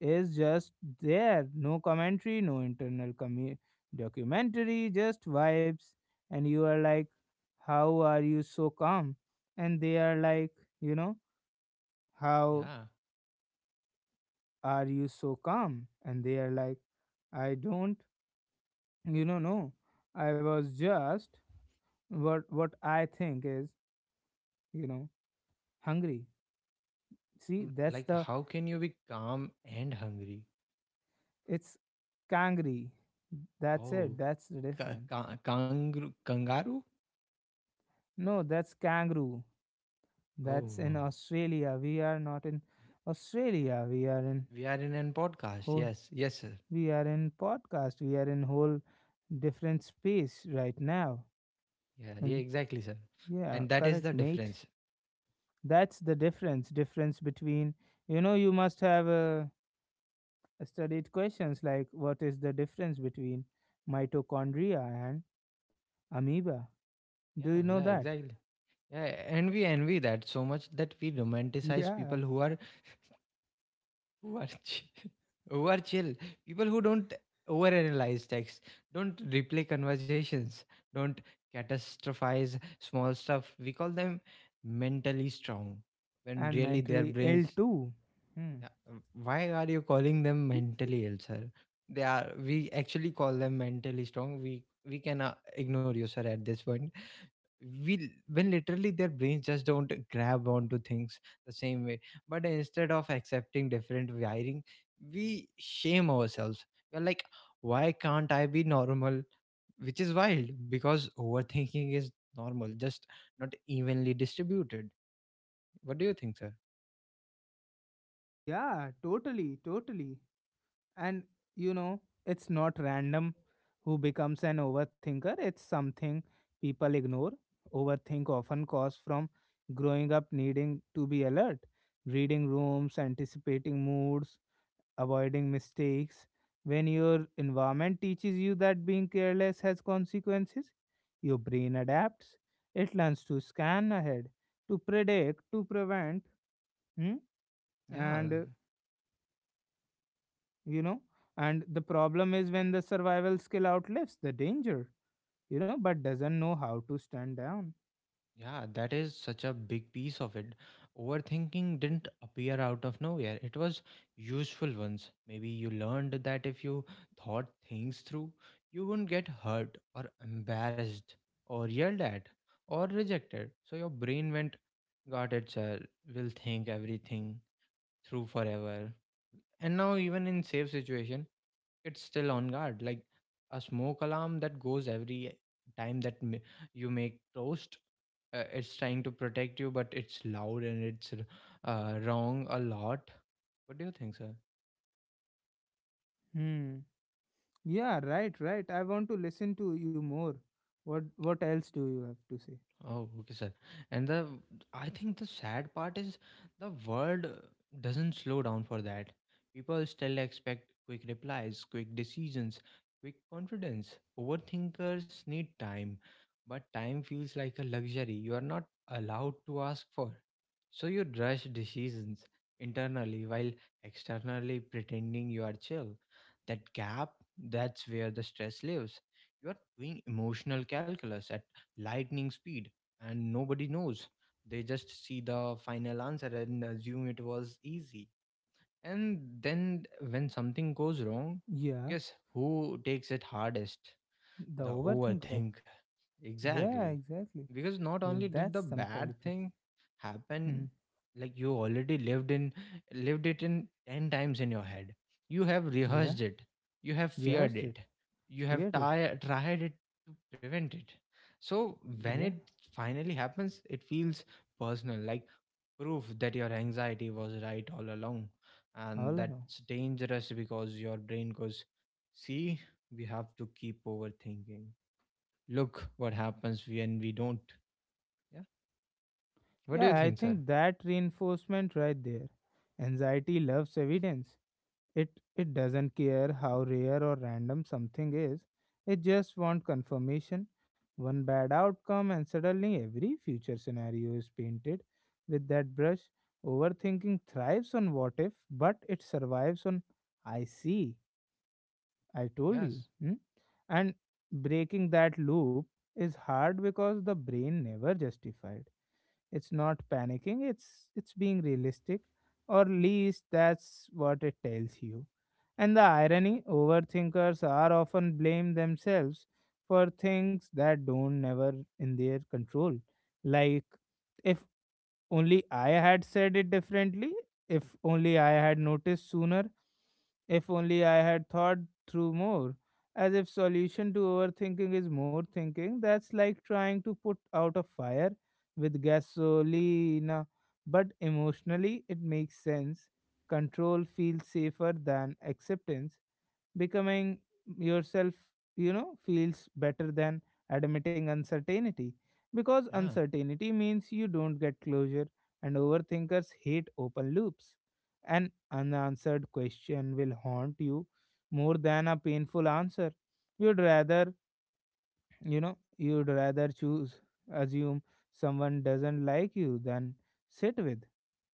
is just there. No commentary, no internal documentary, just vibes. And you are like, how are you so calm? And they are like, you know, how Yeah. are you so calm? And they are like, I don't, you know, no. I was just what I think is, you know, hungry. See, Mm, that's like, the how can you be calm and hungry? it's kangri. That's it. Oh, That's the difference. Kangaroo? Kangaroo? No, that's kangaroo. Oh, That's in wow. Australia. We are not in Australia. We are in We are in an podcast. whole. Yes, yes, sir. We are in podcast. We are in whole different space right now. Yeah, yeah, And exactly, sir. yeah, And that is correct, the mate. difference. That's the difference between you know you must have studied questions like what is the difference between mitochondria and amoeba, do you Yeah, know yeah, that? exactly. Yeah, and we envy that so much that we romanticize Yeah. people who are chill, who are chill. People who don't overanalyze text, don't replay conversations, don't catastrophize small stuff. We call them mentally strong, when And really their mentary ill brains. too. Hmm. Yeah. Why are you calling them mentally ill, sir? They are. We actually call them mentally strong. We can ignore you, sir. At this point, we when literally their brains just don't grab onto things the same way. But instead of accepting different wiring, we shame ourselves. We're like, why can't I be normal? Which is wild because overthinking is normal, just not evenly distributed. What do you think, sir? Yeah, totally, totally. And you know it's not random who becomes an overthinker, it's something people ignore. Overthink often cause from growing up needing to be alert, reading rooms, anticipating moods, avoiding mistakes. When your environment teaches you that being careless has consequences, your brain adapts. It learns to scan ahead, to predict, to prevent, hmm? And Yeah, You know. And the problem is when the survival skill outlives the danger, you know, but doesn't know how to stand down. yeah, that is such a big piece of it. Overthinking didn't appear out of nowhere. It was useful once. Maybe you learned that if you thought things through, you wouldn't get hurt or embarrassed or yelled at or rejected. So your brain went, got it, sir. Will think everything through forever. And now, even in safe situation, it's still on guard, like a smoke alarm that goes every time you make toast, it's trying to protect you, but it's loud and it's wrong a lot. What do you think, sir? Hmm. Yeah, right, right. I want to listen to you more. What else do you have to say? Oh, okay, sir. And the I think the sad part is the world doesn't slow down for that. People still expect quick replies, quick decisions, quick confidence. Overthinkers need time, but time feels like a luxury you are not allowed to ask for. So you rush decisions internally while externally pretending you are chill. That gap, that's where the stress lives. You are doing emotional calculus at lightning speed, and nobody knows. They just see the final answer and assume it was easy. And then when something goes wrong, Yeah, guess who takes it hardest? the The overthinker. overthinker. Yeah, Exactly. exactly. Because not only did the That's some bad telepathy. thing happen, Mhm. like you already lived it in 10 times in your head. You have Yeah, rehearsed it. You have feared rehearsed it. it, You have feared it. Tried it to prevent it. So when Yeah, it finally happens, it feels personal, like proof that your anxiety was right all along. all And along. that's dangerous because your brain goes, see, we have to keep overthinking, look what happens when we don't. Yeah, what do you Yeah, I think, sir? think that reinforcement right there. Anxiety loves evidence. It doesn't care how rare or random something is. It just wants confirmation. One bad outcome and suddenly every future scenario is painted with that brush. Overthinking thrives on what if, but it survives on I see. I told you. Yes. Hmm? And breaking that loop is hard because the brain never justified. It's not panicking, it's being realistic, or least that's what it tells you. And the irony, overthinkers are often blame themselves for things that don't never in their control. Like if only I had said it differently. If only I had noticed sooner. If only I had thought through more. As if solution to overthinking is more thinking. That's like trying to put out a fire with gasolina. But emotionally, it makes sense. Control feels safer than acceptance, becoming yourself, you know, feels better than admitting uncertainty, because Yeah. uncertainty means you don't get closure, and overthinkers hate open loops. An unanswered question will haunt you more than a painful answer. You'd rather, you know, you'd rather choose assume someone doesn't like you than sit with,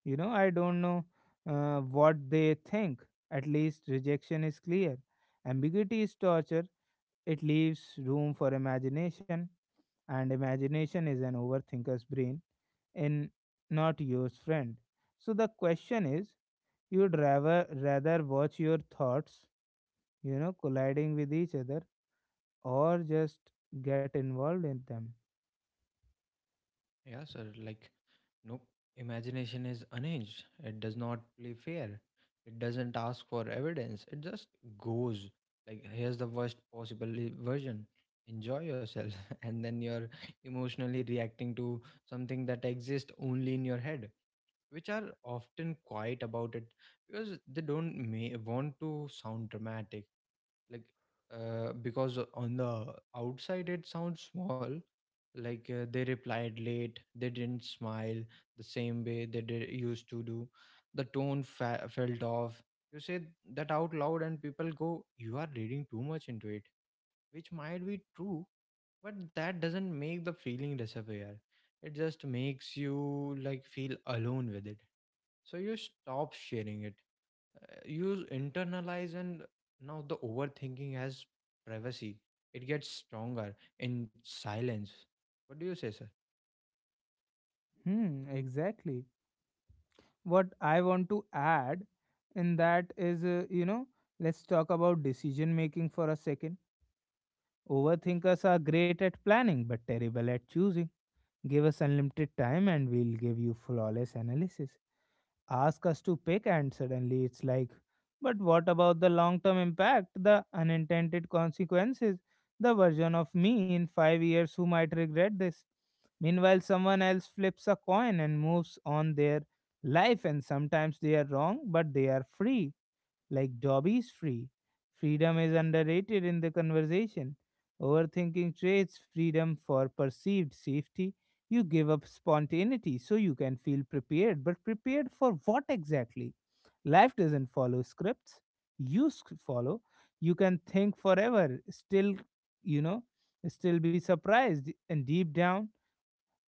you know, I don't know what they think. At least rejection is clear. Ambiguity is torture. It leaves room for imagination, and imagination is an overthinker's brain and not yours, friend. So the question is you'd rather watch your thoughts, you know, colliding with each other or just get involved in them. Yeah, sir, like, no, imagination is unhinged, it does not play fair. It doesn't ask for evidence, it just goes, like, here's the worst possible version, enjoy yourself. And then you're emotionally reacting to something that exists only in your head, which are often quiet about it because they don't want to sound dramatic, like, because on the outside it sounds small, like, they replied late, they didn't smile the same way they used to do, the tone felt off. You say that out loud and people go, you are reading too much into it, which might be true, but that doesn't make the feeling disappear. It just makes you like feel alone with it. So you stop sharing it. You internalize, and now the overthinking has privacy. It gets stronger in silence. What do you say, sir? Hmm, exactly. What I want to add in that is, you know, let's talk about decision making for a second. Overthinkers are great at planning but terrible at choosing. Give us unlimited time and we'll give you flawless analysis. Ask us to pick and suddenly it's like, but what about the long term impact, the unintended consequences, the version of me in 5 years who might regret this? Meanwhile someone else flips a coin and moves on their life, and sometimes they are wrong but they are free, like Dobby is free. Freedom is underrated in the conversation. Overthinking trades freedom for perceived safety. You give up spontaneity so you can feel prepared, but prepared for what exactly? Life doesn't follow scripts. You follow. You can think forever, still, you know, still be surprised. And deep down,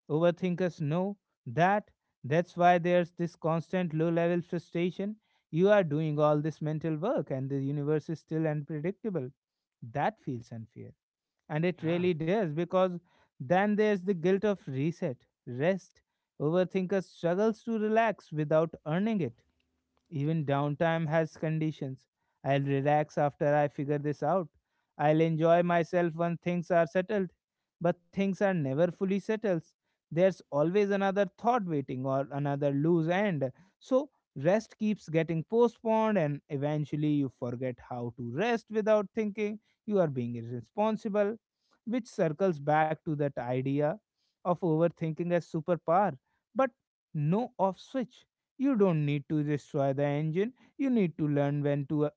overthinkers know that. That's why there's this constant low level frustration. You are doing all this mental work and the universe is still unpredictable. That feels unfair. And it Yeah. really does because then there's the guilt of rest. Overthinker struggles to relax without earning it, even downtime has conditions. I'll relax after I figure this out. I'll enjoy myself when things are settled. But things are never fully settled. There's always another thought waiting or another loose end. So rest keeps getting postponed, and eventually you forget how to rest without thinking you are being irresponsible, which circles back to that idea of overthinking as superpower, but no off switch. You don't need to destroy the engine, you need to learn when to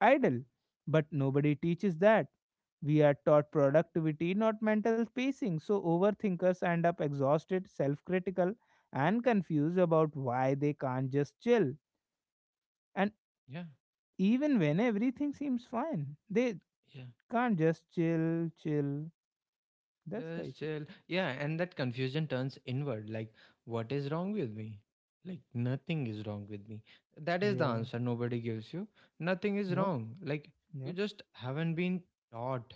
idle. But nobody teaches that. We are taught productivity, not mental pacing, so overthinkers end up exhausted, self critical, and confused about why they can't just chill. And Yeah. even when everything seems fine, they Yeah. can't just chill, chill. That's the Just issue. chill. Yeah, and that confusion turns inward, like, what is wrong with me? Like, nothing is wrong with me. That is the Yeah. answer nobody gives you. Nothing is Nope. wrong. Like, you Nope. just haven't been taught,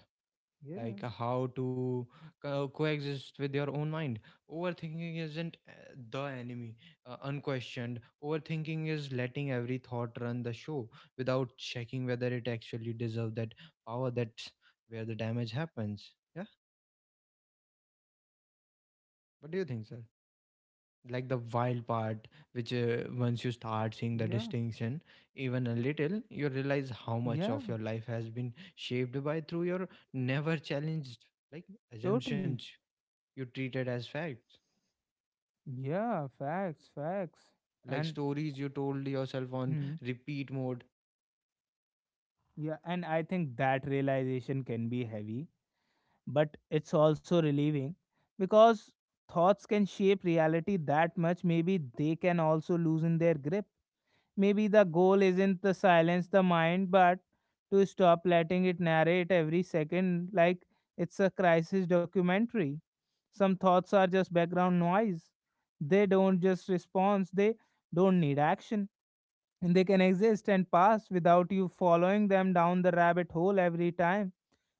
Yeah. like, how to coexist with your own mind. Overthinking isn't the enemy. Uh, unquestioned overthinking is letting every thought run the show without checking whether it actually deserves that power. That's where the damage happens. Yeah, what do you think, sir? Like, the wild part, which, once you start seeing the Yeah. distinction, even a little, you realize how much Yeah. of your life has been shaped by through your never challenged, like, Totally. assumptions you treated as facts, Yeah. Facts. Facts. like And stories you told yourself on hmm. repeat mode. Yeah, and I think that realization can be heavy, but it's also relieving because thoughts can shape reality that much. Maybe they can also loosen their grip. Maybe the goal isn't to silence the mind, but to stop letting it narrate every second like it's a crisis documentary. Some thoughts are just background noise, they don't just respond, they don't need action, and they can exist and pass without you following them down the rabbit hole every time.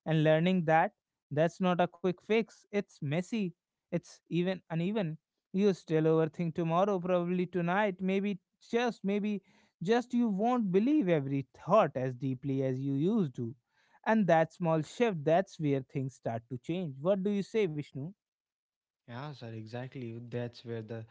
And learning that, that's not a quick fix, it's messy, it's even uneven. You still overthink tomorrow, probably tonight, maybe, just maybe, just you won't believe every thought as deeply as you used to, and that small shift, that's where things start to change. What do you say, Vishnu? Yeah, sir, exactly. That's where the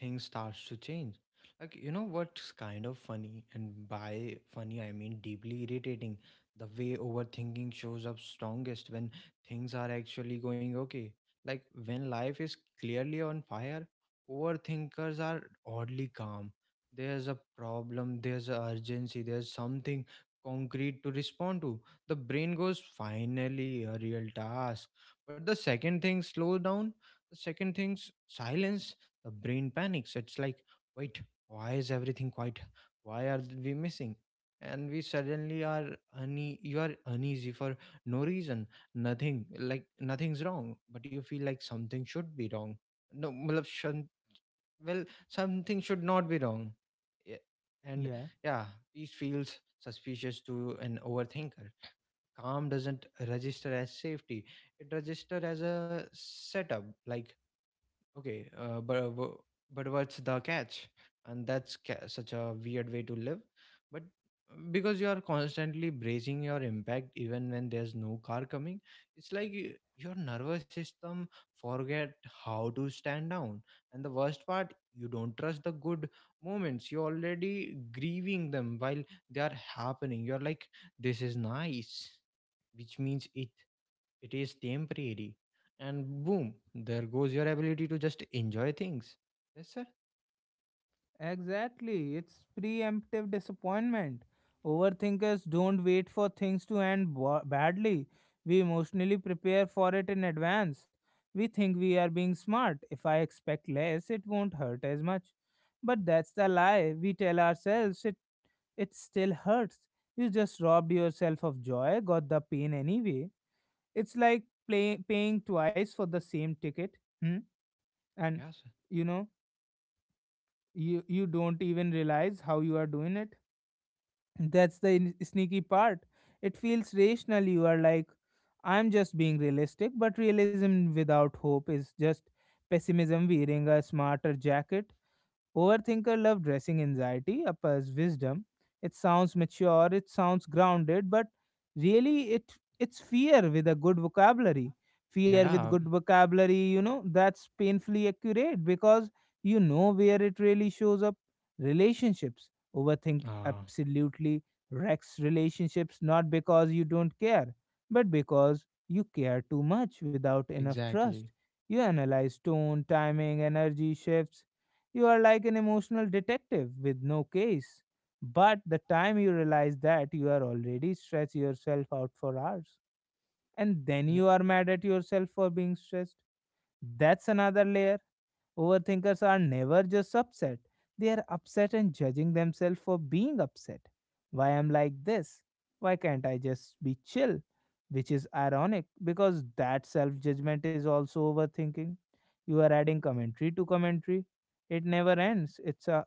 thing starts to change. Like, you know what's kind of funny, and by funny, I mean deeply irritating. The way overthinking shows up strongest when things are actually going okay. Like, when life is clearly on fire, overthinkers are oddly calm. There's a problem, there's a urgency, there's something concrete to respond to. The brain goes, finally, a real task. But the second thing slows down, the second thing's silence. The brain panics. It's like, wait, why is everything quiet? Why are we missing? And we suddenly are you are uneasy for no reason. Nothing, like nothing's wrong, but you feel like something should be wrong. No, matlab well, something should not be wrong. Yeah. And yeah, peace feels suspicious to an overthinker. Calm doesn't register as safety; it registers as a setup, like, okay, but what's the catch? And that's such a weird way to live. But because you are constantly bracing your impact, even when there's no car coming, it's like your nervous system forget how to stand down. And the worst part, you don't trust the good moments. You're already grieving them while they are happening. You're like, this is nice, which means it is temporary. And boom, there goes your ability to just enjoy things. Yes, sir. Exactly. It's preemptive disappointment. Overthinkers don't wait for things to end badly. We emotionally prepare for it in advance. We think we are being smart. If I expect less, it won't hurt as much. But that's the lie. We tell ourselves it it still hurts. You just robbed yourself of joy, got the pain anyway. It's like paying twice for the same ticket. Hmm? And Yes, sir. you know, you don't even realize how you are doing it, that's the sneaky part. It feels rational, you are like, I'm just being realistic, but realism without hope is just pessimism wearing a smarter jacket. Overthinker love dressing anxiety up as wisdom. It sounds mature, it sounds grounded, but really it's fear with a good vocabulary. Fear with Yeah. good vocabulary, you know, that's painfully accurate because you know where it really shows up. Relationships. Overthink Uh, absolutely wrecks relationships not because you don't care, but because you care too much without enough trust. exactly. You analyze tone, timing, energy shifts, you are like an emotional detective with no case. But the time you realize that, you are already stretch yourself out for hours. And then Yeah. you are mad at yourself for being stressed. That's another layer. Overthinkers are never just upset, they are upset and judging themselves for being upset. Why am like this? Why can't I just be chill? Which is ironic because that self judgment is also overthinking. You are adding commentary to commentary. It never ends. It's a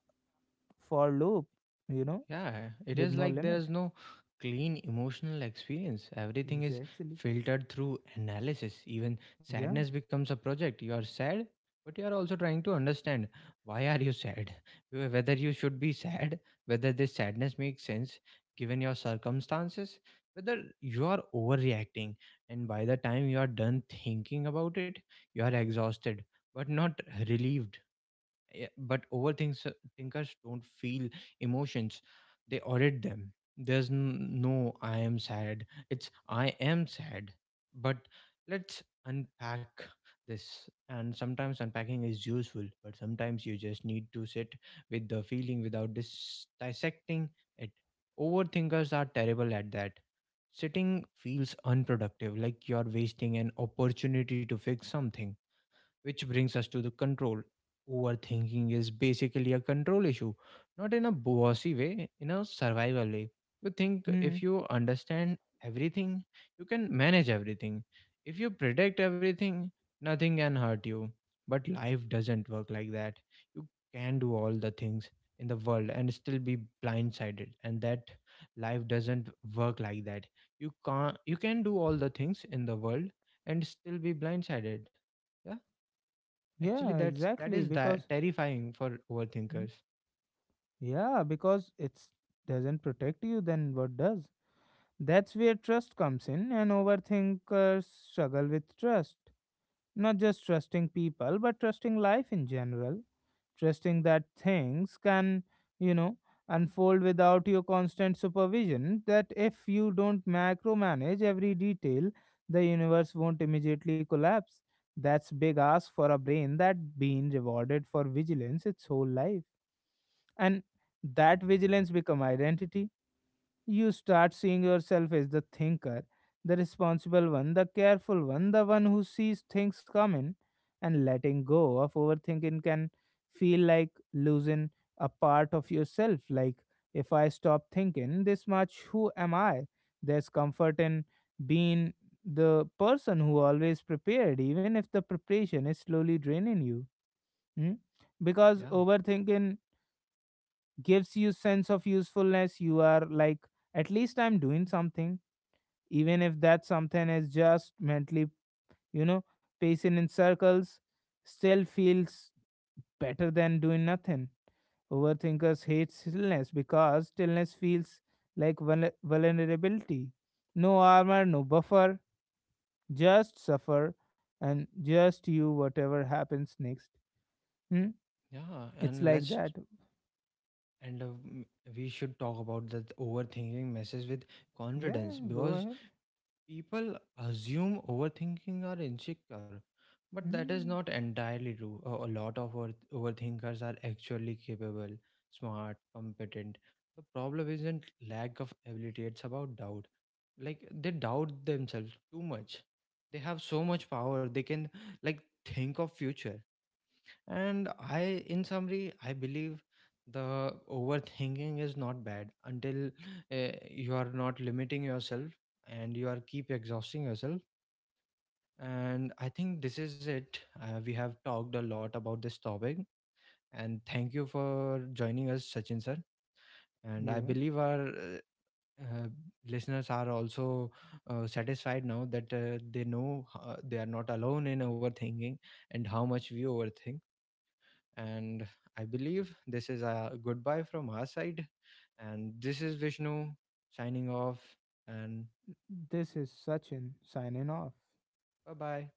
for loop, you know, Yeah, it with is no like there limit. is no clean emotional experience. Everything is Exactly. filtered through analysis. Even Yeah. sadness becomes a project. You are sad, but you are also trying to understand, why are you sad? Wh- Whether you should be sad, whether this sadness makes sense given your circumstances, whether you are overreacting. And by the time you are done thinking about it, you are exhausted but not relieved. Yeah, but overthinks thinkers don't feel emotions; they audit them. There's no "I am sad." It's "I am sad, but let's unpack this." And sometimes unpacking is useful, but sometimes you just need to sit with the feeling without dissecting it. Overthinkers are terrible at that. Sitting feels unproductive, like you're wasting an opportunity to fix something, which brings us to the control. Overthinking is basically a control issue, not in a bossy way, in a survival way. You think Hmm. if you understand everything, you can manage everything. If you predict everything, nothing can hurt you. But life doesn't work like that. You can do all the things in the world and still be blindsided. And that, life doesn't work like that. You can't You can do all the things in the world and still be blindsided. Yeah. Actually, Yeah, that's, that exactly. is Because, terrifying for hmm, overthinkers. yeah, because it doesn't protect you, then what does? That's where trust comes in, and overthinkers struggle with trust. Not just trusting people, but trusting life in general. Trusting that things can, you know, unfold without your constant supervision. That if you don't macromanage every detail, the universe won't immediately collapse. That's big ask for a brain that been rewarded for vigilance its whole life. And that vigilance become identity, you start seeing yourself as the thinker, the responsible one, the careful one, the one who sees things coming, and letting go of overthinking can feel like losing a part of yourself. Like, if I stop thinking this much, who am I? There's comfort in being the person who always prepared, even if the preparation is slowly draining you. Hmm? Because Yeah, overthinking gives you sense of usefulness, you are like, at least I'm doing something, even if that something is just mentally, you know, pacing in circles, still feels better than doing nothing. Overthinkers hate stillness because stillness feels like vulnerability. No armor, no buffer, just suffer, and just you, whatever happens next. Hmm? yeah. It's And like let's, that. and uh, m- we should talk about that overthinking messes with confidence Yeah, go because ahead. people assume overthinking are insecure, but that is Hmm. not entirely true. A lot of overthinkers are actually capable, smart, competent. The problem isn't lack of ability, it's about doubt. Like, they doubt themselves too much. They have so much power. They can, like, think of future. And I, in summary, I believe the overthinking is not bad until, you are not limiting yourself and you are keep exhausting yourself. And I think this is it. We have talked a lot about this topic, and thank you for joining us, Sachin sir. And I Yeah. believe our uh, listeners are also satisfied now that they know they are not alone in overthinking and how much we overthink. And I believe this is a goodbye from our side. And this is Vishnu signing off. And This is Sachin signing off. bye bye.